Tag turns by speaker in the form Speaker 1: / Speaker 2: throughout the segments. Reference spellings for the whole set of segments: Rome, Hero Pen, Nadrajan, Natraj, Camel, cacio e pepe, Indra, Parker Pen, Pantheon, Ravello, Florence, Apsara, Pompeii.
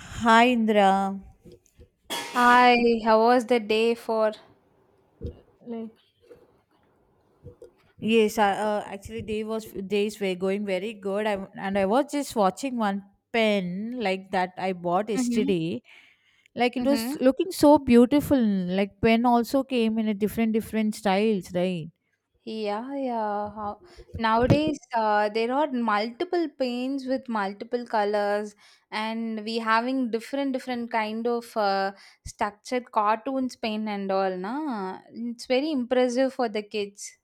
Speaker 1: Hi Indra.
Speaker 2: Hi, how was the day for?
Speaker 1: Yes, actually days were going very good. I was just watching one pen like that I bought
Speaker 2: Mhm,
Speaker 1: yesterday. Like it was
Speaker 2: mhm.
Speaker 1: looking so beautiful. Like pen also came in a different different styles, right?
Speaker 2: Yeah, yeah. How, nowadays, there are multiple paints with multiple colors, and we having different kind of structured cartoons paint and all, na? It's very impressive for the kids.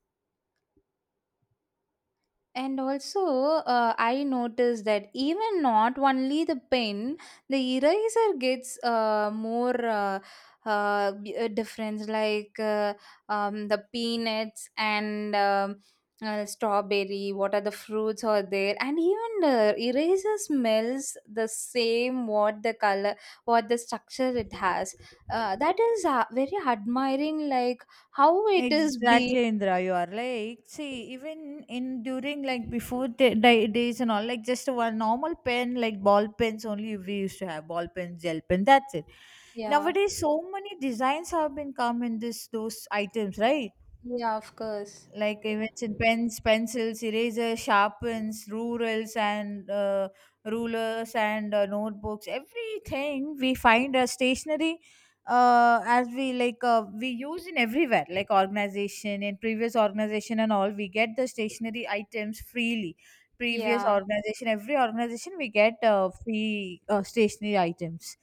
Speaker 2: And also, I noticed that even not only the pen, the eraser gets difference, like the peanuts and strawberry. What are the fruits are there? And even the eraser smells the same. What the color, what the structure it has. That is very admiring. Like how it is being.
Speaker 1: Exactly, Indra. You are like, see, even in during like before the days and all, like just one normal pen, like ball pens only we used to have ball pens, gel pen. That's it.
Speaker 2: Yeah.
Speaker 1: Nowadays, so many designs have been come in this those items, right?
Speaker 2: Yeah. Of course.
Speaker 1: Like I mentioned pens, pencils, erasers, sharpens, rurals, and rulers, and notebooks, everything we find a stationery, as we like, we use in everywhere, like organization, in previous organization and all, we get the stationery items freely. Previous
Speaker 2: Yeah.
Speaker 1: organization, every organization, we get free stationery items,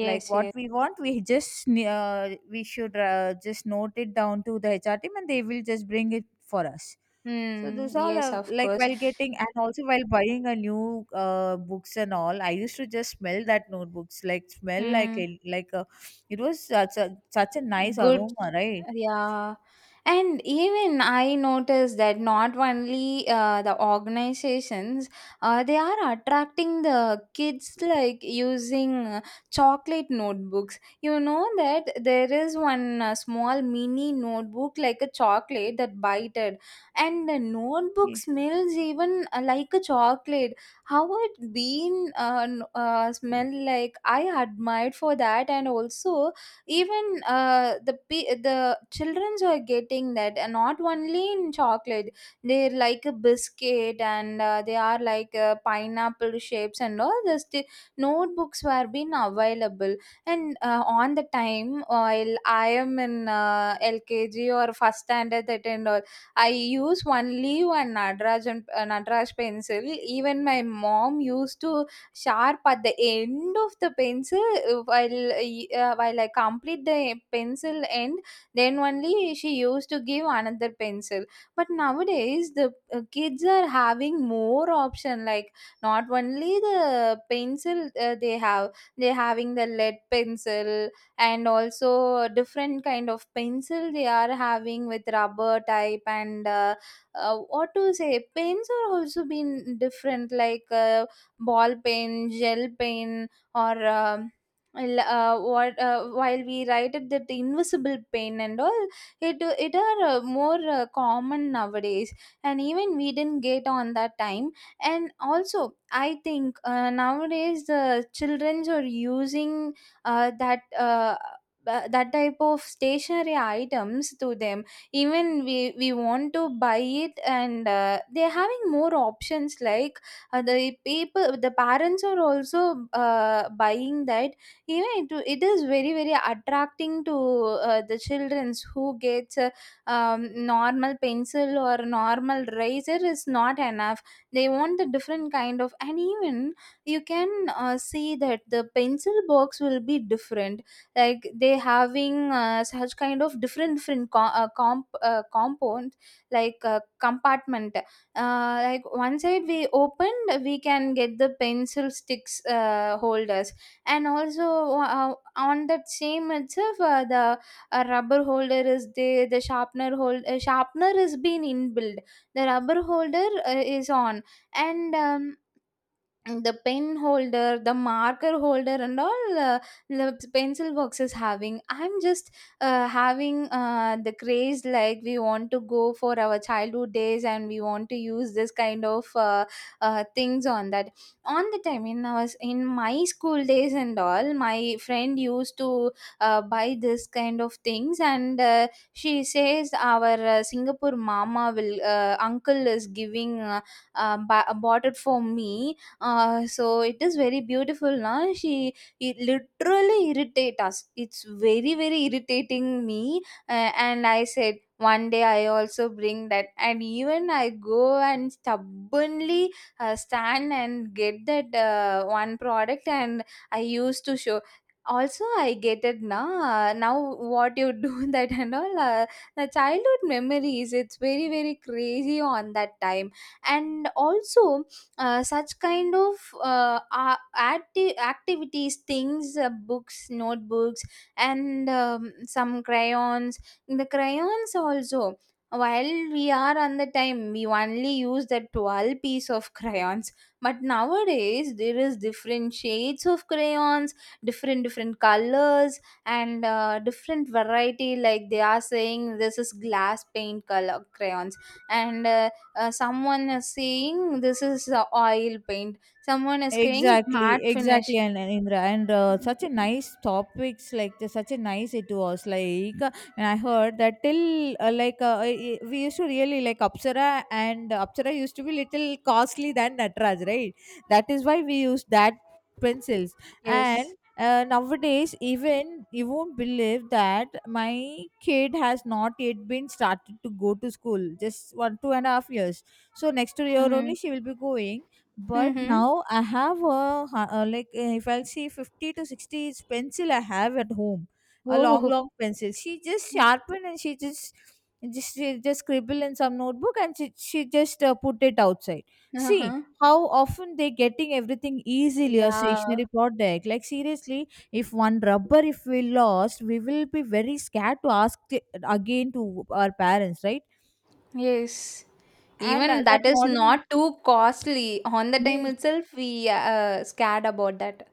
Speaker 1: like what
Speaker 2: yes.
Speaker 1: we want. We just, we should just note it down to the HR team, and they will just bring it for us. So
Speaker 2: Hmm,
Speaker 1: those all
Speaker 2: yes,
Speaker 1: are
Speaker 2: of
Speaker 1: like
Speaker 2: course.
Speaker 1: while getting, and also while buying a new, books and all, I used to just smell that notebooks, like smell like a,
Speaker 2: Hmm.
Speaker 1: it was such a nice
Speaker 2: Good,
Speaker 1: aroma, right?
Speaker 2: yeah. And even I noticed that not only the organizations, they are attracting the kids like using chocolate notebooks. You know that there is one small mini notebook like a chocolate that bited, and the notebook smells even like a chocolate. How it been smell like? I admired for that, and also even the childrens are getting that, and not only in chocolate they're like a biscuit, and they are like pineapple shapes and all this the sti notebooks were being available. And on the time while I am in lkg or first standard that and all, I use only one nadraj and nadraj pencil. Even my mom used to sharp at the end of the pencil while I complete the pencil end, then only she used to give another pencil. But nowadays the kids are having more option, like not only the pencil they having the lead pencil, and also different kind of pencil they are having with rubber type, and what to say, pens are also been different, like ball pen, gel pen, or l- what while we write it that invisible pen and all, it are more common nowadays, and even we didn't get on that time. And also I think nowadays the childrens are using uh, that uh, that type of stationary items to them. Even we want to buy it, and they're having more options, like the people, the parents are also buying that. Even it is very very attracting to the childrens who gets a normal pencil or normal razor is not enough. They want a different kind of, and even you can see that the pencil box will be different, like they having such kind of different compound, like compartment. Like one side we opened, we can get the pencil sticks holders, and also on that same itself the rubber holder is there, the sharpener is been inbuilt, the rubber holder is on, and the pen holder, the marker holder and all, the pencil boxes having. I'm just having the craze, like we want to go for our childhood days and we want to use this kind of things on that. On the time in our in my school days and all, my friend used to buy this kind of things. And she says our Singapore mama will uncle is giving bought it for me. So it is very beautiful now, she, it literally irritate us, it's very very irritating me. And I said one day I also bring that, and even I go and stubbornly stand and get that one product, and I used to show. Also I get it now. Now what you do? That and all, the childhood memories, it's very very crazy on that time. And also such kind of activities, things, books, notebooks, and some crayons. The crayons also, while we are on the time we only use the 12 piece of crayons, but nowadays there is different shades of crayons, different different colors, and different variety. Like they are saying this is glass paint color crayons, and someone is saying this is oil paint, someone is saying it's matte
Speaker 1: Exactly,
Speaker 2: finish.
Speaker 1: exactly, and Indra, and
Speaker 2: Mm,
Speaker 1: such a nice topics like this, such a nice it was like, and I heard that till like we used to really like Apsara, and Apsara used to be little costly than Natraj, right? That is why we use that pencils, and
Speaker 2: yes.
Speaker 1: nowadays even you won't believe that my kid has not yet been started to go to school, just one two and a half years. So next year
Speaker 2: Mm-hmm.
Speaker 1: only she will be going, but
Speaker 2: Mm-hmm.
Speaker 1: now I have a, like if I'll see 50 to 60 is pencil I have at home. A long
Speaker 2: Oh.
Speaker 1: long pencil she just sharpen, and she just scribble in some notebook, and she just put it outside. See
Speaker 2: Uh-huh.
Speaker 1: how often they getting everything easily, a
Speaker 2: Yeah.
Speaker 1: stationary product. Like seriously, if one rubber, if we lost, we will be very scared to ask it again to our parents, right?
Speaker 2: Yes,
Speaker 1: And
Speaker 2: even
Speaker 1: that
Speaker 2: that is
Speaker 1: modern,
Speaker 2: not too costly on the time
Speaker 1: yes.
Speaker 2: itself, we scared about that.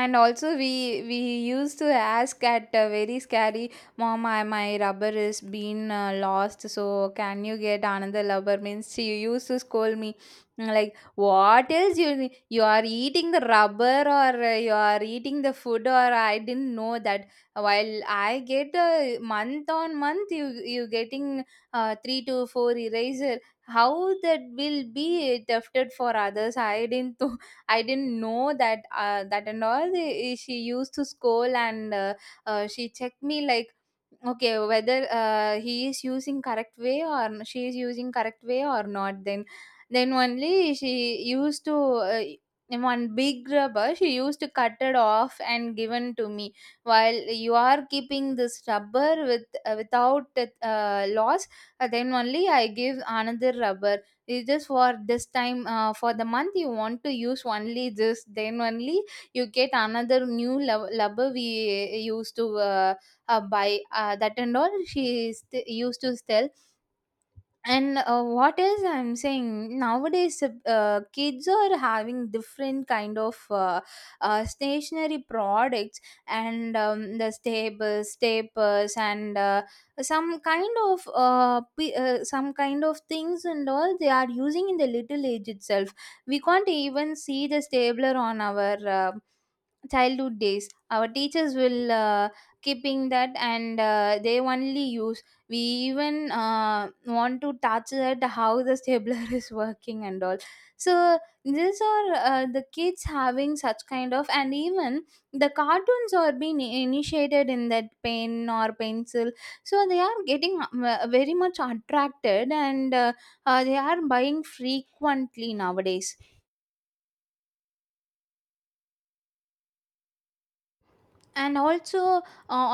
Speaker 2: And also we used to ask at a very scary, mom, I, my rubber is been lost, so can you get another rubber? Means she used to scold me like, what else you you are eating the rubber, or you are eating the food, or I didn't know that. While I get a month on month, you getting 3 to 4 eraser, how that will be thefted for others, I didn't. I didn't know that that and all. Eh, she used to scold, and she checked me like, okay, whether he is using correct way, or she is using correct way or not, then then only she used to in one big rubber she used to cut it off and given to me. While you are keeping this rubber with without loss, then only I give another rubber. It's just for this time, for the month you want to use only this, then only you get another new rubber, we used to buy that and all she used to tell. And what is I'm saying, nowadays kids are having different kind of stationary products, and the staples and some kind of some kind of things and all they are using in the little age itself. We can't even see the stapler on our childhood days, our teachers will keeping that and they only use. We even want to touch at how the stabler is working and all. So these are the kids having such kind of, and even the cartoons are being initiated in that pen or pencil, so they are getting very much attracted, and they are buying frequently nowadays. And also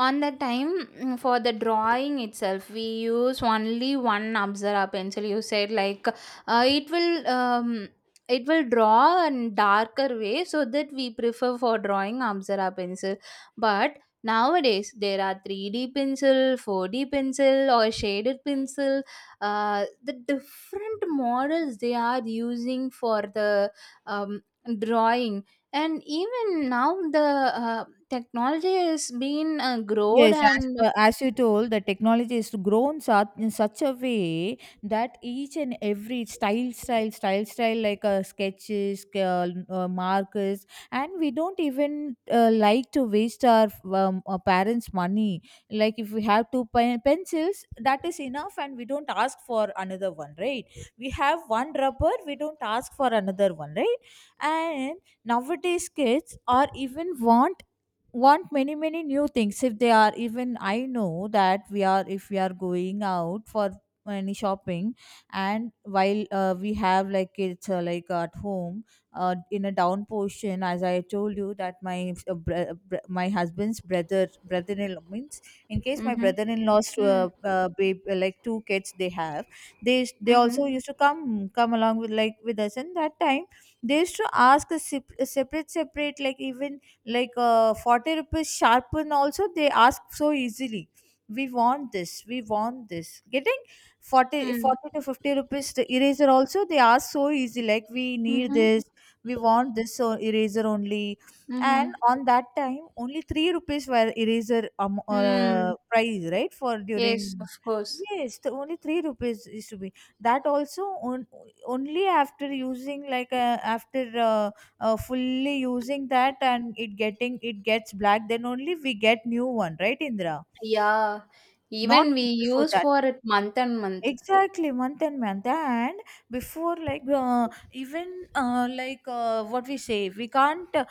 Speaker 2: on the time mm, for the drawing itself we use only one apsara pencil, you said like it will draw in darker way, so that we prefer for drawing apsara pencil. But nowadays there are 3D pencil, 4D pencil, or shaded pencil, the different models they are using for the um, drawing. And even now the uh, technology has been growed
Speaker 1: Yes,
Speaker 2: and
Speaker 1: as you told, the technology is grown such in such a way that each and every style, like sketches, markers, and we don't even like to waste our parents' money. Like if we have pencils, that is enough, and we don't ask for another one, right? We have one rubber, we don't ask for another one, right? And nowadays, kids are even want many many new things, if they are even, I know that we are, if we are going out for any shopping, and while we have like it's like at home, in a down portion, as I told you, that my my husband's brother-in-law means, in case my
Speaker 2: mhm,
Speaker 1: brother-in-law's,
Speaker 2: mm,
Speaker 1: babe, like two kids they have. They
Speaker 2: mhm,
Speaker 1: also used to come along with, like with us, and that time they used to ask a separate separate, like even like, 40 rupees sharpen also they ask so easily. We want this, we want this, getting 40,
Speaker 2: mm,
Speaker 1: 40 to 50 rupees the eraser also they ask so easy, like we need
Speaker 2: mhm,
Speaker 1: this, we want this, eraser only. And
Speaker 2: mhm,
Speaker 1: on that time only 3 rupees were eraser,
Speaker 2: mm.
Speaker 1: price, right? For
Speaker 2: Yes, of
Speaker 1: during,
Speaker 2: course.
Speaker 1: yes, the only 3 rupees used to be, that also on, only after using, like after fully using that, and it gets black, then only we get new one, right, Indra?
Speaker 2: Yeah.
Speaker 1: Not
Speaker 2: Even we
Speaker 1: before.
Speaker 2: use for it month and month.
Speaker 1: Exactly, month and month, and before like, even like, what we say, we can't,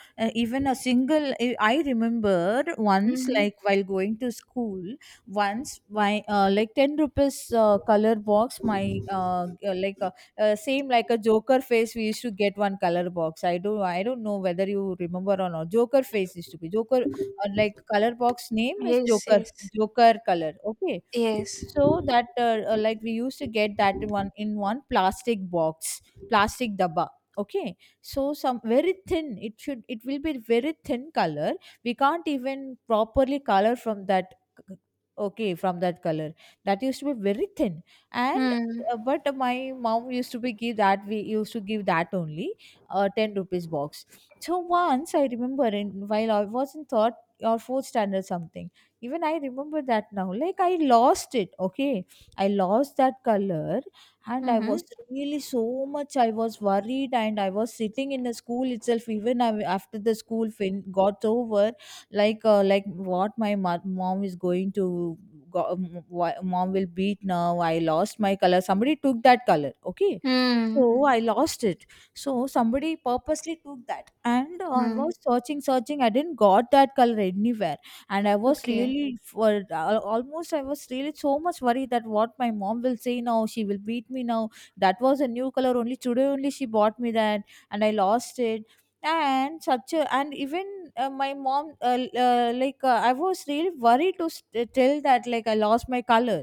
Speaker 1: even a single. I remembered once,
Speaker 2: Mm-hmm.
Speaker 1: like while going to school. Once my, like, 10 rupees color box, my, like, same like a Joker face. We used to get one color box. I don't know whether you remember or not. Joker face used to be Joker, like color box name is
Speaker 2: Yes,
Speaker 1: Joker
Speaker 2: yes,
Speaker 1: joker color, okay?
Speaker 2: yes.
Speaker 1: So that like, we used to get that one in one plastic box, plastic dabba. Okay, so some very thin. It will be very thin color. We can't even properly color from that. c- Okay, from that color that used to be very thin, and
Speaker 2: Mm,
Speaker 1: but my mom used to be give that, we used to give that only 10 rupees box. So once I remember, in while I was in third or fourth standard, something, even I remember that now. Like I lost it, okay? I lost that color, and I was
Speaker 2: mm-hmm.
Speaker 1: really so much, I was worried, and I was sitting in the school itself, even I, after the school got over, like what my mom is going to, mom will beat now, I lost my color, somebody took that color, okay.
Speaker 2: Mm,
Speaker 1: So I lost it. So somebody purposely took that, and I
Speaker 2: mm.
Speaker 1: was searching searching, I didn't got that color anywhere. And I was
Speaker 2: Okay.
Speaker 1: really for, almost I was really so much worried that what my mom will say now, she will beat me now. That was a new color, only today only she bought me that, and I lost it, and such a, and even my mom, like, I was really worried to tell that, like, I lost my color.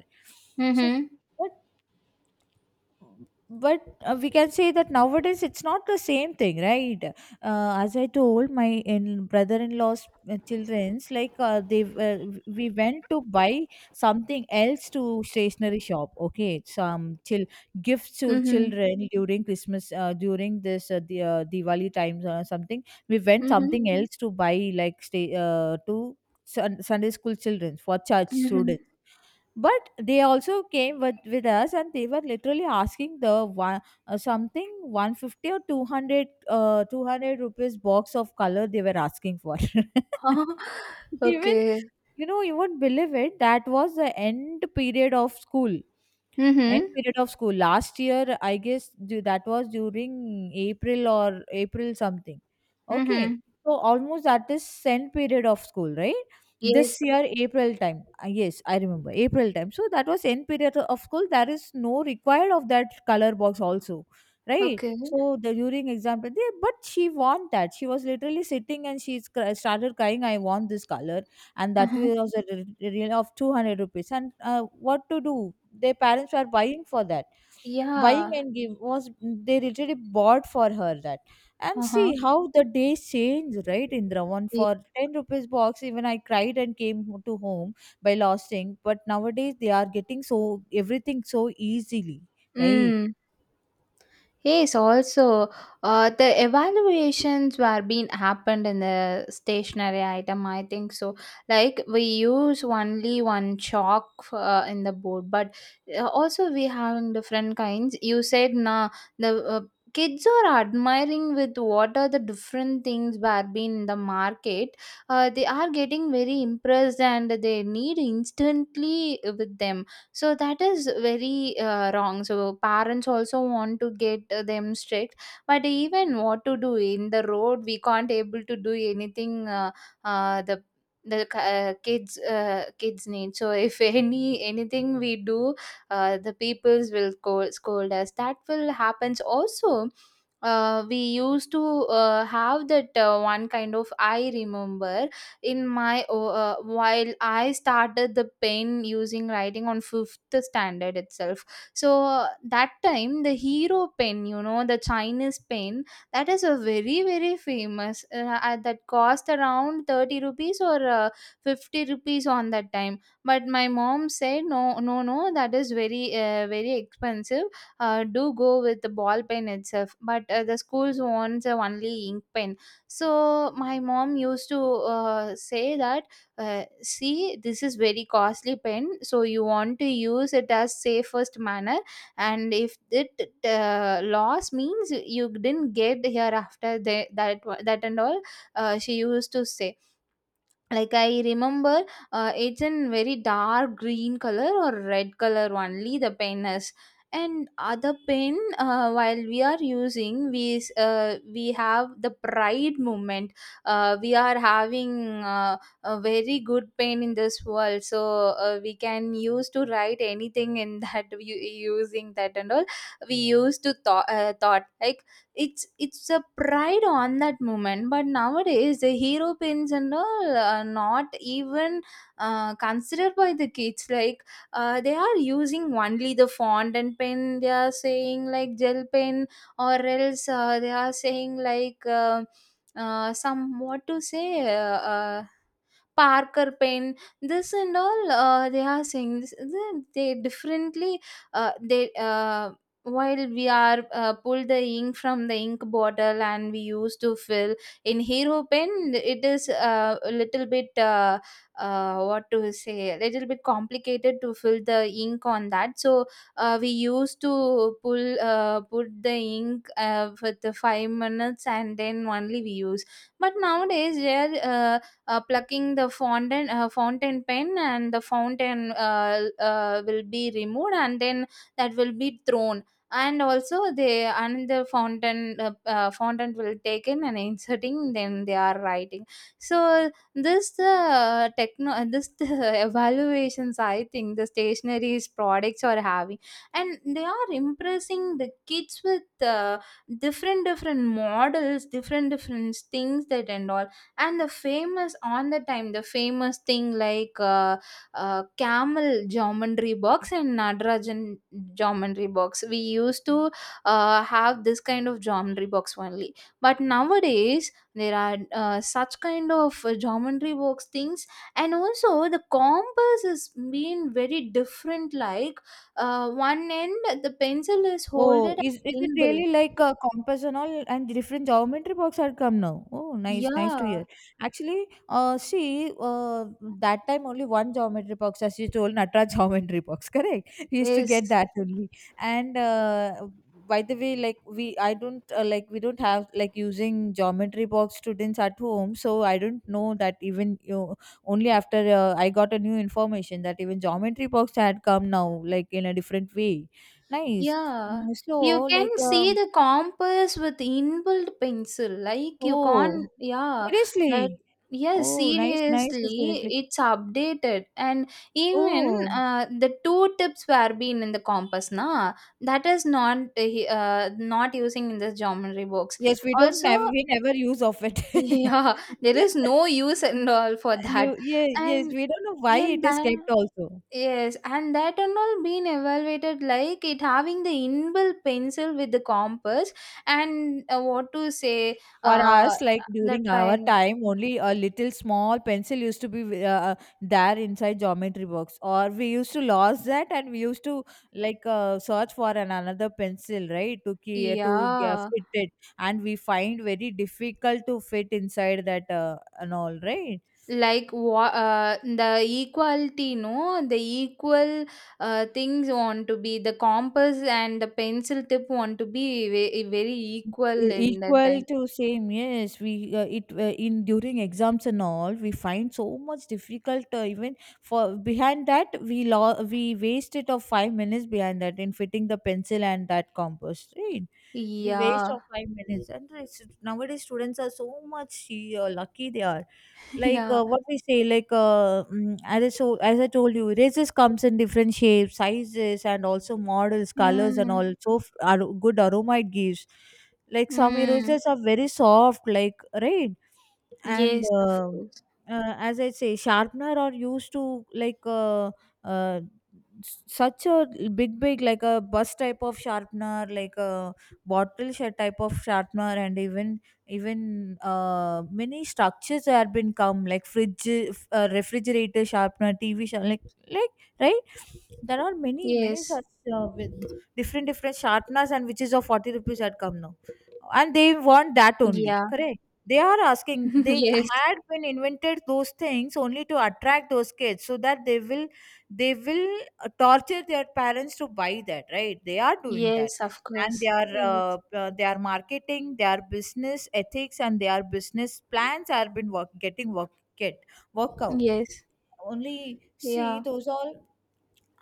Speaker 1: So
Speaker 2: Mm-hmm.
Speaker 1: but but we can say that nowadays it's not the same thing, right? As I told my, in brother-in-law's, children's, like, they uh, we went to buy something else to stationery shop, okay, some chill gifts to
Speaker 2: Mm-hmm.
Speaker 1: children during Christmas, during this, the Diwali times or something. We went
Speaker 2: Mm-hmm.
Speaker 1: something else to buy, like stay to Sunday school children, for church
Speaker 2: Mm-hmm.
Speaker 1: students. But they also came with us, and they were literally asking the one, something 150 or 200, 200 rupees box of color they were asking for. Even,
Speaker 2: Okay.
Speaker 1: you won't believe it, that was the end period of school. End
Speaker 2: Mm-hmm.
Speaker 1: period of school. Last year, I guess, that was during April or April something. Okay.
Speaker 2: Mm-hmm.
Speaker 1: So almost that is end period of school, right? This
Speaker 2: Yes.
Speaker 1: year, April time. Yes, I remember, April time. So that was end period of school. There is no required of that color box also, right?
Speaker 2: Okay.
Speaker 1: So the during example, there, but she want that. She was literally sitting and she started crying, I want this color, and that
Speaker 2: Uh-huh.
Speaker 1: was a really of 200 rupees, and what to do, their parents were buying for that, buying
Speaker 2: Yeah.
Speaker 1: and give was, they literally bought for her that. And
Speaker 2: Uh-huh.
Speaker 1: see how the days change, right, Indra? One for 10 rupees box, even I cried and came to home by losing, but nowadays they are getting so everything so easily, right?
Speaker 2: Mm. Yes, also the evaluations were being happened in the stationary item, I think so. Like we use only one chalk in the board, but also we having different kinds. You said nah, the kids are admiring with what are the different things were being in the market. They are getting very impressed and they need instantly with them, so that is very wrong, so parents also want to get them strict. But even what to do in the road, we can't able to do anything. The kids need so, if anything we do, the peoples will scold us, that will happens also. We used to have that one kind of, I remember in my while I started the pen using, writing on fifth standard itself. So that time the Hero pen, you know, the Chinese pen, that is a very very famous, that cost around 30 rupees or 50 rupees on that time. But my mom said no no no, that is very very expensive, do go with the ball pen itself. But the schools wants only ink pen, so my mom used to say that, see this is very costly pen, so you want to use it as safest manner. And if it loss means, you didn't get here after, that that and all, she used to say. Like I remember, it's in very dark green color or red color only the pen is. And other pen, while we are using, we have the pride moment. We are having a very good pen in this world, so we can use to write anything in that using that and all. We used to thought like it's a pride on that moment, but nowadays the hero pins and all are not even considered by the kids. Like they are using only the font and pen. They are saying like gel pen, or else they are saying like some what to say. Parker Pen, this and all they are saying this. They differently they while we are pull the ink from the ink bottle and we used to fill in Hero Pen. It is a little bit what to say, a little bit complicated to fill the ink on that. So we used to pull put the ink for the 5 minutes and then only we use. But nowadays, there. Plucking the fountain pen and the fountain will be removed and then that will be thrown, and also they and the fountain will taken and inserting, then they are writing. So this the evaluations, I think the stationaries products are having, and they are impressing the kids with different different models, different different things that and all. And the famous on the time, the famous thing like camel geometry box and nadrajan geometry box. We used to have this kind of geometry box only, but nowadays there are such kind of geometry box things. And also the compass is being very different. Like one end the pencil is
Speaker 1: Oh,
Speaker 2: holded
Speaker 1: is it
Speaker 2: in build.
Speaker 1: really like a compass and all, and different geometry box had come now? Oh, nice, nice
Speaker 2: Yeah,
Speaker 1: to hear. Actually, see, that time only one geometry box, as you told, Natra geometry box, correct? We used to
Speaker 2: yes.
Speaker 1: get that only. And by the way, like we, I don't like, we don't have like using geometry box students at home, so I don't know that, even you, only after I got a new information that even geometry box had come now, like in a different way. Nice.
Speaker 2: Yeah,
Speaker 1: Mm, so,
Speaker 2: you
Speaker 1: like,
Speaker 2: can see the compass with inbuilt pencil. Like you can't,
Speaker 1: oh,
Speaker 2: yeah, that,
Speaker 1: seriously?
Speaker 2: yes,
Speaker 1: Oh, nice, nice,
Speaker 2: seriously,
Speaker 1: seriously.
Speaker 2: it's updated. And even
Speaker 1: Oh,
Speaker 2: the two tips were being in the compass, na, that is not using in the geometry box.
Speaker 1: yes,
Speaker 2: Also,
Speaker 1: we never use of it.
Speaker 2: yeah, there is no use and all for that.
Speaker 1: Yeah, yes,
Speaker 2: And
Speaker 1: we don't know why
Speaker 2: yeah,
Speaker 1: it is
Speaker 2: that.
Speaker 1: kept also.
Speaker 2: Yes, and that and all been evaluated like it having the inbuilt pencil with the compass, and what to say,
Speaker 1: For us, like
Speaker 2: the
Speaker 1: during our
Speaker 2: triangle.
Speaker 1: time, only a little small pencil used to be, there inside geometry box, or we used to lose that, and we used to like search for an another pencil, right, to
Speaker 2: Yeah,
Speaker 1: fit it, and we find very difficult to fit inside that, and all, right.
Speaker 2: like what the equality, no, the equal things want to be the compass, and the pencil tip want to be very equal
Speaker 1: E-
Speaker 2: in that
Speaker 1: equal
Speaker 2: time.
Speaker 1: to same, yes. We uh, it uh, in during exams and all we find so much difficult, even for behind that we wasted of 5 minutes behind that in fitting the pencil and that compass, right? We waste of
Speaker 2: Yeah,
Speaker 1: five minutes. Nowadays students are so much lucky they are. Like
Speaker 2: yeah.
Speaker 1: what we say like mm, as I, so, as I told you, razors comes in different shapes, sizes, and also models, colors, and
Speaker 2: Mm,
Speaker 1: also good aroma it gives. Like some
Speaker 2: mm.
Speaker 1: erasers are very soft, like, right. and
Speaker 2: Yes, of
Speaker 1: uh,
Speaker 2: course.
Speaker 1: uh, as i say, sharpener are used to uh, such a big big, like a bus type of sharpener, like a bottle type of sharpener. And even even many structures have been come, like fridge, refrigerator sharpener, TV sharp, like, right. There are many many
Speaker 2: Yes.
Speaker 1: such, with different different sharpeners, and which is of 40 rupees had come now, and they want that only,
Speaker 2: Yeah.
Speaker 1: correct. They are asking, they
Speaker 2: Yes,
Speaker 1: had been invented those things only to attract those kids so that they will, they will torture their parents to buy that, right? They are doing that.
Speaker 2: yes, of
Speaker 1: And they
Speaker 2: course.
Speaker 1: are
Speaker 2: Yes,
Speaker 1: their marketing, their business ethics, and their business plans are been work, getting get work out.
Speaker 2: yes,
Speaker 1: Only see
Speaker 2: yeah.
Speaker 1: those all.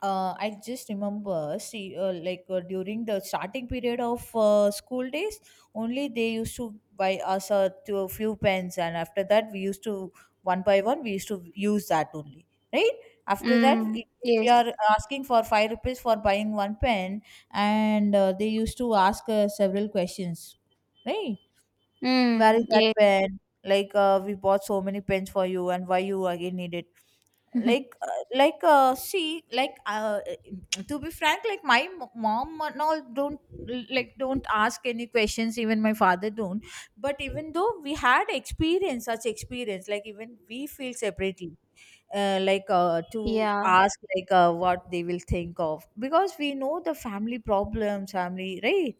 Speaker 1: I just remember, see, during the starting period of school days, only they used to buy us a, to a few pens, and after that, we used to one by one, we used to use that only, right? After that,
Speaker 2: Mm,
Speaker 1: if we
Speaker 2: yes.
Speaker 1: are asking for five rupees for buying one pen, and they used to ask several questions, right? Where is
Speaker 2: Mm,
Speaker 1: that
Speaker 2: yes.
Speaker 1: pen? Like, we bought so many pens for you, and why you again need it? Like uh, like see like To be frank, like my mom and all don't, like don't ask any questions. Even my father don't, but even though we had experience, such experience, like even we feel separately to
Speaker 2: Yeah,
Speaker 1: ask, what they will think of, because we know the family problems, family, right?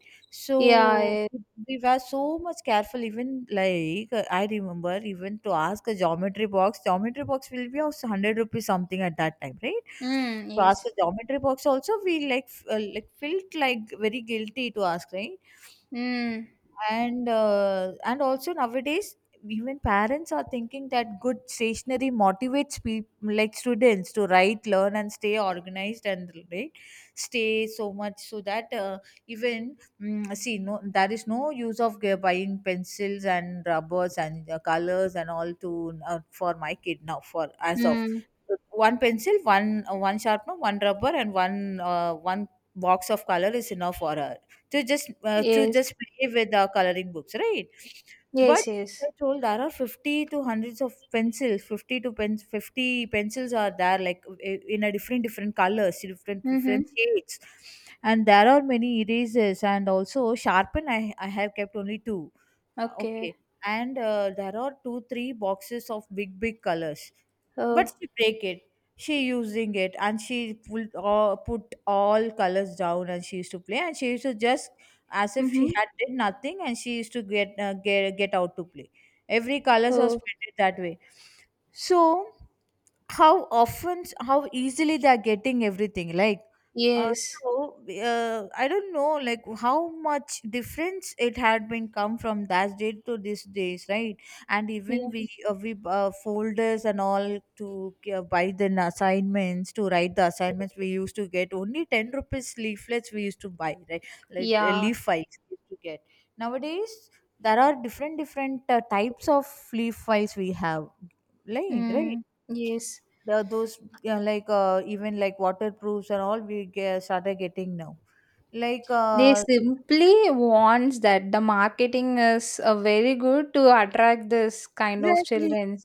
Speaker 2: yeah,
Speaker 1: So
Speaker 2: yes.
Speaker 1: we were so much careful even, I remember, even to ask a geometry box, geometry box will be also 100 rupees something at that time, right?
Speaker 2: Mm,
Speaker 1: To ask
Speaker 2: yes.
Speaker 1: a geometry box also, we like like felt like very guilty to ask, right.
Speaker 2: Mm,
Speaker 1: And also nowadays, even parents are thinking that good stationery motivates people, like students, to write, learn, and stay organized, and right, stay so much. So that see, no, there is no use of buying pencils and rubbers and colors and all to for my kid. Now for as of
Speaker 2: mm,
Speaker 1: one pencil, one one sharpener, one rubber, and one one box of color is enough for her to
Speaker 2: yes.
Speaker 1: just play with our coloring books, right? But
Speaker 2: Yes,
Speaker 1: I
Speaker 2: yes.
Speaker 1: told there are 50 to hundreds of pencils. 50 to pen, 50 pencils are there, like in a different different colors, different
Speaker 2: Mm-hmm.
Speaker 1: different shades, and there are many erasers and also sharpen. I have kept only two.
Speaker 2: Okay.
Speaker 1: Okay, and there are 2 3 boxes of big big colors, but
Speaker 2: Oh.
Speaker 1: she break it. She using it and she put all colors down, and she used to play, and she used to just as if she
Speaker 2: Mm-hmm.
Speaker 1: had did nothing, and she used to get out to play. Every colors was
Speaker 2: Oh,
Speaker 1: painted that way. So how often, how easily they are getting everything, like, uh,
Speaker 2: yes.
Speaker 1: I don't know like how much difference it had been come from that day to these days, right. And
Speaker 2: Yeah.
Speaker 1: even we folders and all to buy the assignments, to write the assignments, we used to get only 10 rupees leaflets, we used to buy, right.
Speaker 2: Yeah.
Speaker 1: Leaf files we used to get. Nowadays there are different different types of leaf files we have, like, right.
Speaker 2: Mm, yes.
Speaker 1: The, those, yeah, even like waterproofs and all we get, started getting now, like
Speaker 2: They
Speaker 1: uh,
Speaker 2: simply wants that the marketing is very good to attract this kind of
Speaker 1: exactly.
Speaker 2: children.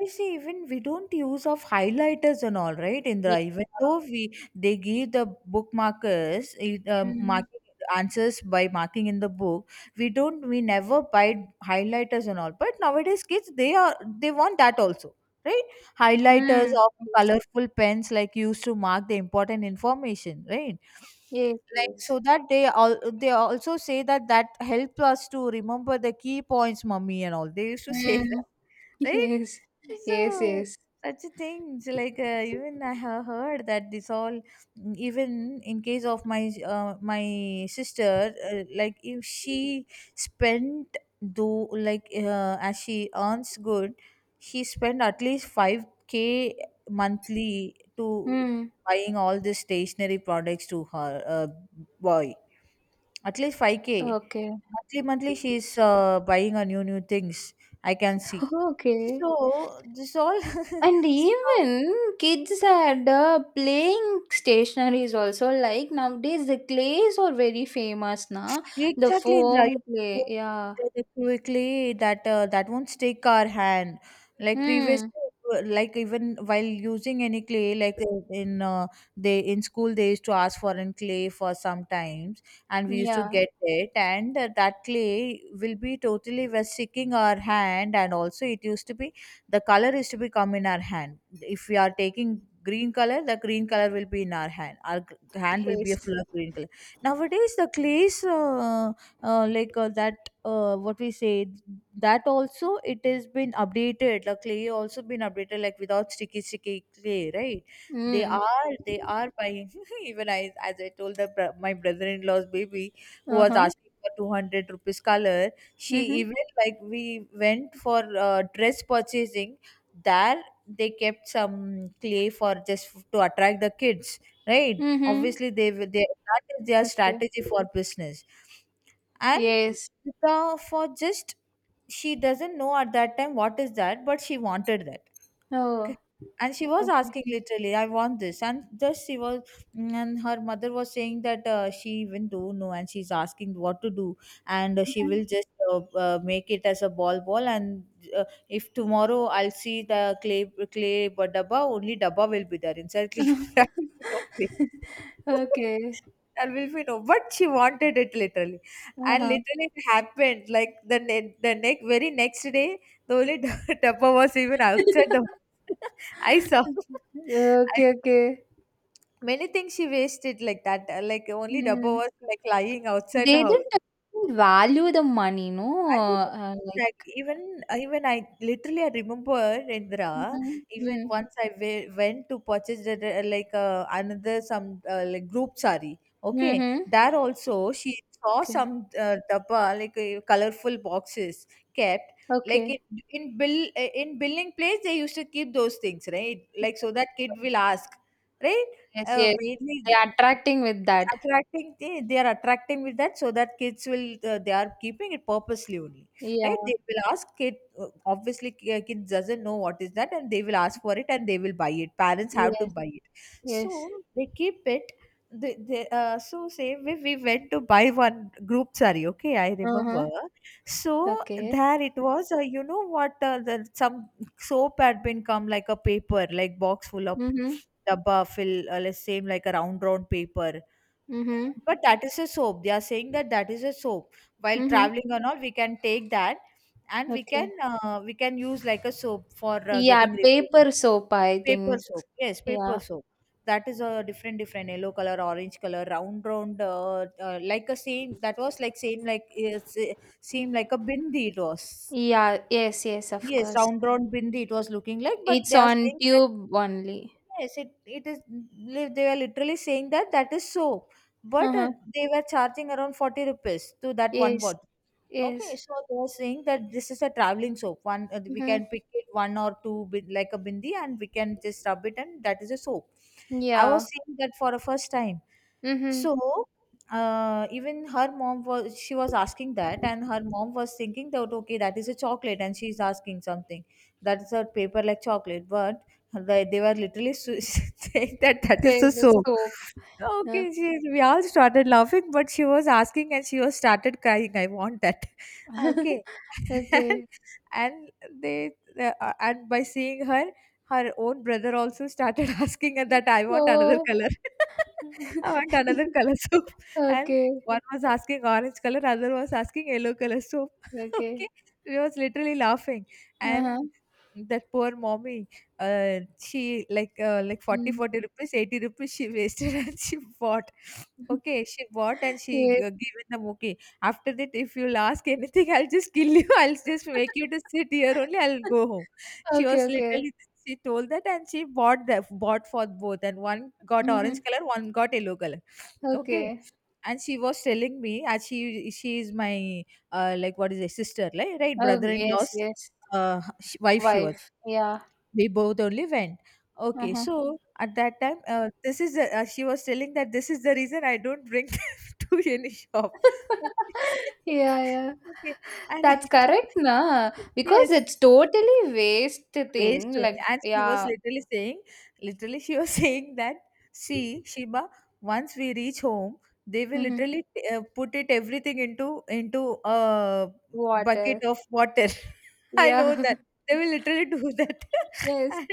Speaker 1: I see, even we don't use of highlighters and all, right,
Speaker 2: Yeah.
Speaker 1: Indra? Even though we, they give the book markers, it,
Speaker 2: Mm.
Speaker 1: marking answers by marking in the book, we don't, we never buy highlighters and all. But nowadays kids, they are, they want that also, right, highlighters
Speaker 2: Mm.
Speaker 1: or colorful pens like used to mark the important information, right,
Speaker 2: Yes.
Speaker 1: like.
Speaker 2: Yes, yes.
Speaker 1: So that they all, they also say that that help us to remember the key points, mummy and all they used to say
Speaker 2: Mm.
Speaker 1: that, right.
Speaker 2: Yes. Yes,
Speaker 1: So
Speaker 2: yes.
Speaker 1: such a thing. So even I have heard that, this all, even in case of my my sister, like if she spent, do, as she earns good, she spent at least 5k monthly to
Speaker 2: Mm.
Speaker 1: buying all this stationery products to her boy. At least 5k.
Speaker 2: Okay.
Speaker 1: Monthly, monthly, she's buying her new, new things. I can see.
Speaker 2: Okay.
Speaker 1: So, this all,
Speaker 2: And
Speaker 1: see how.
Speaker 2: even kids had playing stationaries also. Like nowadays, the clays are very famous, na? The
Speaker 1: Exactly, Indra. You're
Speaker 2: foam clay. Yeah.
Speaker 1: so right. Quickly, that that won't stick our hand. Like previously,
Speaker 2: Mm.
Speaker 1: like even while using any clay, like in they in school they used to ask for an clay for sometimes, and we used to
Speaker 2: Yeah.
Speaker 1: get it, and that clay will be totally was sticking our hand, and also it used to be the color used to be come in our hand. If we are taking green color, the green color will be in our hand. Our hand will be a
Speaker 2: Yes.
Speaker 1: full of green color. Nowadays the clays like that what we say that also it has been updated, the clay also been updated, like without sticky sticky clay, right. They
Speaker 2: Mm.
Speaker 1: are, they are buying. Even I, as I told, the, my brother-in-law's baby who
Speaker 2: Uh
Speaker 1: was
Speaker 2: huh.
Speaker 1: asking for 200 rupees color, she
Speaker 2: Mm-hmm.
Speaker 1: even, like we went for dress purchasing. There they kept some clay for just to attract the kids, right.
Speaker 2: Mm-hmm.
Speaker 1: Obviously they will, they, that is their
Speaker 2: Okay.
Speaker 1: strategy for business. And
Speaker 2: Yes.
Speaker 1: the, for just, she doesn't know at that time what is that, but she wanted that.
Speaker 2: Oh.
Speaker 1: K-, and she was
Speaker 2: Okay.
Speaker 1: asking literally, I want this, and just she was, and her mother was saying that she even don't know and she's asking what to do. And she
Speaker 2: Mhm.
Speaker 1: will just make it as a ball ball. And if tomorrow I'll see the clay, clay, but dabba only, dabba will be there inside clay. There will be no clay.
Speaker 2: Okay.
Speaker 1: There will be no, but she wanted it literally. And
Speaker 2: Uh-huh.
Speaker 1: literally it happened like the the next, very next day, the only dabba was even outside the I saw. I,
Speaker 2: Okay, okay.
Speaker 1: many things she wasted like that. Like only dabba
Speaker 2: Hmm.
Speaker 1: was like lying outside the
Speaker 2: They
Speaker 1: house.
Speaker 2: didn't value the money, no? Like,
Speaker 1: Exactly. Even I literally I remember, Indra.
Speaker 2: mhm,
Speaker 1: Even
Speaker 2: mm,
Speaker 1: once I went to purchase the, another some group sari. Okay,
Speaker 2: mhm.
Speaker 1: there also she saw
Speaker 2: Okay,
Speaker 1: some dabba, like colorful boxes kept, like
Speaker 2: okay.
Speaker 1: in bill in billing place they used to keep those things, right, like,
Speaker 2: Yes,
Speaker 1: so that kid will ask, right.
Speaker 2: yes, yes.
Speaker 1: Maybe
Speaker 2: They are attracting with that.
Speaker 1: Attracting, they are attracting with that so that kids will, they are keeping it purposely only,
Speaker 2: Yeah,
Speaker 1: right. They will ask kid, kids doesn't know what is that, and they will ask for it, and they will buy it, parents have to
Speaker 2: yes,
Speaker 1: buy it.
Speaker 2: yes.
Speaker 1: So they keep it. They, so say We went to buy one group sari, okay, I remember.
Speaker 2: Uh-huh.
Speaker 1: So
Speaker 2: Okay.
Speaker 1: there it was, you know what, some soap had been come like a paper, like box full of
Speaker 2: Mm-hmm.
Speaker 1: dabba, fill let's say like a round round paper,
Speaker 2: Mm-hmm.
Speaker 1: but that is a soap. They are saying that that is a soap. While
Speaker 2: Mm-hmm.
Speaker 1: traveling and all, we can take that, and
Speaker 2: Okay.
Speaker 1: we can use like a soap for
Speaker 2: Yeah,
Speaker 1: getting refreshing.
Speaker 2: paper soap, I
Speaker 1: Paper
Speaker 2: think.
Speaker 1: soap. Yes, paper
Speaker 2: Yeah.
Speaker 1: soap. That is a different different yellow color, orange color, round round, like a same that was like same, same like a bindi it was.
Speaker 2: Yeah, yes, yes, of
Speaker 1: Yes,
Speaker 2: course.
Speaker 1: round round bindi it was looking like, but
Speaker 2: It's
Speaker 1: they are
Speaker 2: on
Speaker 1: saying
Speaker 2: tube only.
Speaker 1: yes, it they were literally saying that that is soap, but they were charging around 40 rupees to that one
Speaker 2: Yes,
Speaker 1: bottle. Okay,
Speaker 2: yes.
Speaker 1: so they're saying that this is a traveling soap. One, we
Speaker 2: Mhm.
Speaker 1: can pick it one or two bin, like a bindi, and we can just rub it, and that is a soap. I
Speaker 2: Yeah.
Speaker 1: was seeing that for the first time.
Speaker 2: Mhm.
Speaker 1: So even her mom was, she was asking that, and her mom was thinking that okay, that is a chocolate, and she's asking something, that is a paper like chocolate, but they were literally saying that that is a
Speaker 2: Save the
Speaker 1: soap.
Speaker 2: soap. Yeah.
Speaker 1: Okay, she, we all started laughing, but she was asking and she was started crying. I want that. Ah, okay.
Speaker 2: Okay.
Speaker 1: And they and by seeing her, her own brother also started asking her that, I want another
Speaker 2: So
Speaker 1: color. I want another color soap. And
Speaker 2: Okay,
Speaker 1: one was asking orange color, other was asking yellow color soap.
Speaker 2: okay.
Speaker 1: Okay. We was literally laughing.
Speaker 2: Uh-huh.
Speaker 1: And that poor mommy, she like 40
Speaker 2: Mm.
Speaker 1: 40 rupees, 80 rupees she wasted and she bought. Okay, she bought and she
Speaker 2: Yes.
Speaker 1: gave in the muki. After that, if you'll ask anything, I'll just kill you. I'll just make you to sit here only. I'll go home. She
Speaker 2: Okay,
Speaker 1: was
Speaker 2: okay.
Speaker 1: literally She told that, and she bought for both, and one got orange
Speaker 2: Mhm.
Speaker 1: color, one got yellow color. Okay.
Speaker 2: Okay.
Speaker 1: And she was telling me as she is my like, what is it, sister, like, right?
Speaker 2: Oh,
Speaker 1: Brother in
Speaker 2: yes,
Speaker 1: law's
Speaker 2: yes.
Speaker 1: wife she was.
Speaker 2: Wife. Yeah.
Speaker 1: We both only went. Okay,
Speaker 2: Uh-huh.
Speaker 1: so at that time, this is she was telling that this is the reason I don't bring them to any shop. Okay,
Speaker 2: Yeah, yeah.
Speaker 1: okay. And
Speaker 2: That's
Speaker 1: after,
Speaker 2: correct, na? Because
Speaker 1: yes.
Speaker 2: it's totally waste
Speaker 1: Waist
Speaker 2: thing.
Speaker 1: only.
Speaker 2: Like,
Speaker 1: And she was
Speaker 2: yeah.
Speaker 1: literally saying, literally, she was saying that, see, Shiba, once we reach home, they will
Speaker 2: Mhm.
Speaker 1: literally put it everything into a bucket
Speaker 2: Water.
Speaker 1: of water. I know
Speaker 2: Yeah.
Speaker 1: that they will literally do that.
Speaker 2: Yes.
Speaker 1: And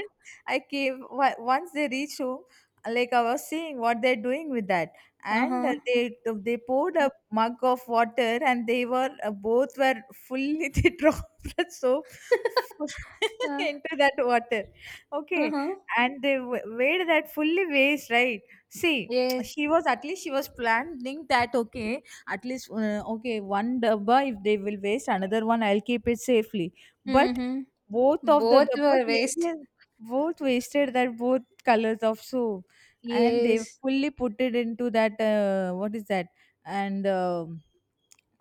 Speaker 1: I came once they reach home, like, I was seeing what they're doing with that, and
Speaker 2: Uh-huh.
Speaker 1: they poured a mug of water, and they were both were fully they dropped the soap
Speaker 2: Uh,
Speaker 1: into that water. Okay.
Speaker 2: Uh-huh.
Speaker 1: And they weighed that fully waste, right? See,
Speaker 2: Yes.
Speaker 1: she was, at least she was planning that, okay, at least okay, one dabba if they will waste, another one I'll keep it safely. But
Speaker 2: Mhm.
Speaker 1: both of the
Speaker 2: Both
Speaker 1: dabba
Speaker 2: were
Speaker 1: they,
Speaker 2: waste.
Speaker 1: they both wasted that, both colors of soap. And they
Speaker 2: Yes.
Speaker 1: fully put it into that, what is that, and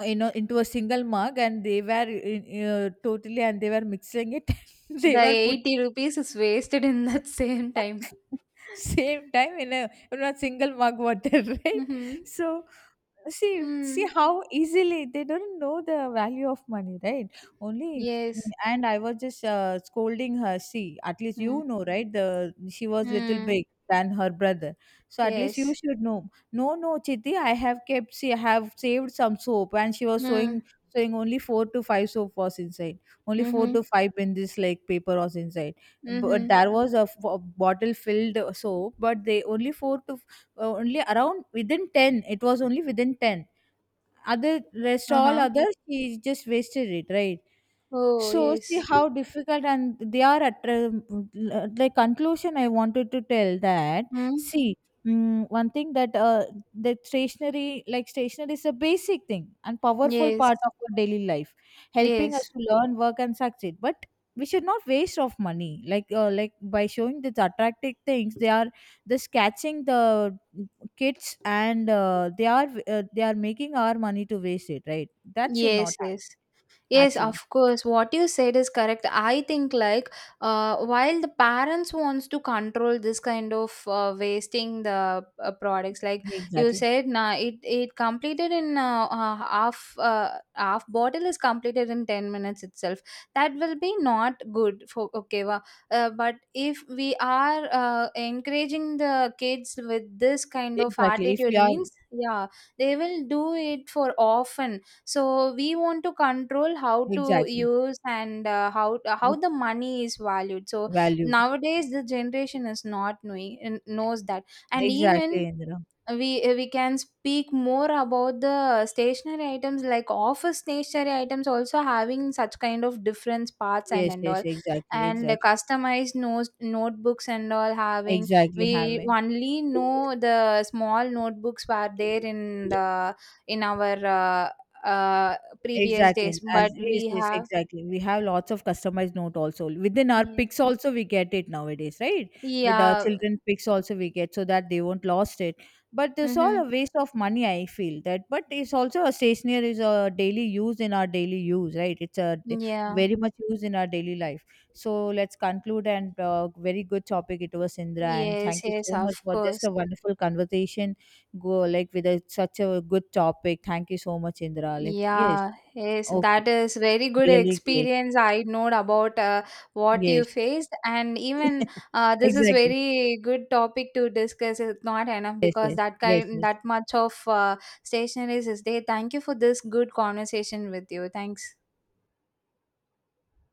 Speaker 1: into a single mug, and they were totally, and they were mixing it and they
Speaker 2: The
Speaker 1: were put
Speaker 2: 80 rupees is wasted in that same time.
Speaker 1: same time in a single mug water, right?
Speaker 2: Mhm.
Speaker 1: So see
Speaker 2: Mm.
Speaker 1: how easily they don't know the value of money, right? Only.
Speaker 2: Yes.
Speaker 1: And I was just scolding her, see, at least
Speaker 2: Mm.
Speaker 1: you know, right? The she was little
Speaker 2: Mm.
Speaker 1: big than her brother, so at least you
Speaker 2: Yes.
Speaker 1: should know. No, no, chiti, I have kept, see, I have saved some soap. And she was sewing
Speaker 2: Mm.
Speaker 1: sewing only four to five soap was inside, only four
Speaker 2: Mhm.
Speaker 1: to five in this like paper was inside. But
Speaker 2: Mm-hmm.
Speaker 1: there was a bottle filled soap, but they only four to only around within 10, it was only within 10. Other rest all
Speaker 2: Uh-huh.
Speaker 1: others she just wasted it, right?
Speaker 2: Oh,
Speaker 1: So see
Speaker 2: yes.
Speaker 1: how difficult. And they are, at the conclusion, I wanted to tell that,
Speaker 2: Mm.
Speaker 1: see, one thing that, the stationery, stationery is a basic thing and powerful
Speaker 2: Yes.
Speaker 1: part of our daily life, helping
Speaker 2: Yes.
Speaker 1: us to learn, work, and succeed. But we should not waste of money, like by showing these attractive things, they are just catching the kids, and they are making our money to waste it, right? That should not
Speaker 2: Yes. Yes.
Speaker 1: happen,
Speaker 2: Yes,
Speaker 1: actually.
Speaker 2: of course. What you said is correct. I think like while the parents wants to control this kind of wasting the products, like you
Speaker 1: Exactly.
Speaker 2: said, nah, it completed in half half bottle is completed in 10 minutes itself. That will be not good for okay. But if we are encouraging the kids with this kind of
Speaker 1: Exactly. If
Speaker 2: attitude,
Speaker 1: we are
Speaker 2: means yeah, they will do it for often. So we want to control how to
Speaker 1: exactly
Speaker 2: use, and how
Speaker 1: not
Speaker 2: the money is valued. So
Speaker 1: valued.
Speaker 2: nowadays the generation is not knowing knows that. And
Speaker 1: Exactly,
Speaker 2: even
Speaker 1: Indra.
Speaker 2: we can speak more about the stationary items, like office stationary items also having such kind of different parts
Speaker 1: Yes,
Speaker 2: and
Speaker 1: yes,
Speaker 2: all,
Speaker 1: exactly,
Speaker 2: and
Speaker 1: exactly,
Speaker 2: customized notes, notebooks and all having.
Speaker 1: exactly. Have.
Speaker 2: We only know the small notebooks were there in the in our uh, uh, previous
Speaker 1: Exactly.
Speaker 2: days, but
Speaker 1: As yes,
Speaker 2: we
Speaker 1: yes,
Speaker 2: have,
Speaker 1: exactly. We have lots of customized note also. Within our
Speaker 2: yeah,
Speaker 1: pics also we get it nowadays, right? With our
Speaker 2: yeah.
Speaker 1: children pics also we get, so that they won't lost it. But it's
Speaker 2: Mm-hmm.
Speaker 1: all a waste of money, I feel that. But it's also a stationery is a daily use in our daily use, right? It's
Speaker 2: Yeah,
Speaker 1: very much used in our daily life. So let's conclude. And very good topic it was, Indra. And
Speaker 2: yes,
Speaker 1: thank you
Speaker 2: yes,
Speaker 1: so
Speaker 2: of
Speaker 1: much for just
Speaker 2: course.
Speaker 1: a wonderful conversation. Go like with a, such a good topic. Thank you so much, Indra. Like, yes.
Speaker 2: Yeah, yes,
Speaker 1: Okay,
Speaker 2: that is very good
Speaker 1: really great.
Speaker 2: experience. I know about what you
Speaker 1: Yes,
Speaker 2: faced, and even this is
Speaker 1: exactly.
Speaker 2: very good topic to discuss. It's not enough
Speaker 1: Yes,
Speaker 2: because
Speaker 1: yes,
Speaker 2: that
Speaker 1: yes,
Speaker 2: kind,
Speaker 1: yes.
Speaker 2: that much of stationaries is there. Thank you for this good conversation with you. Thanks.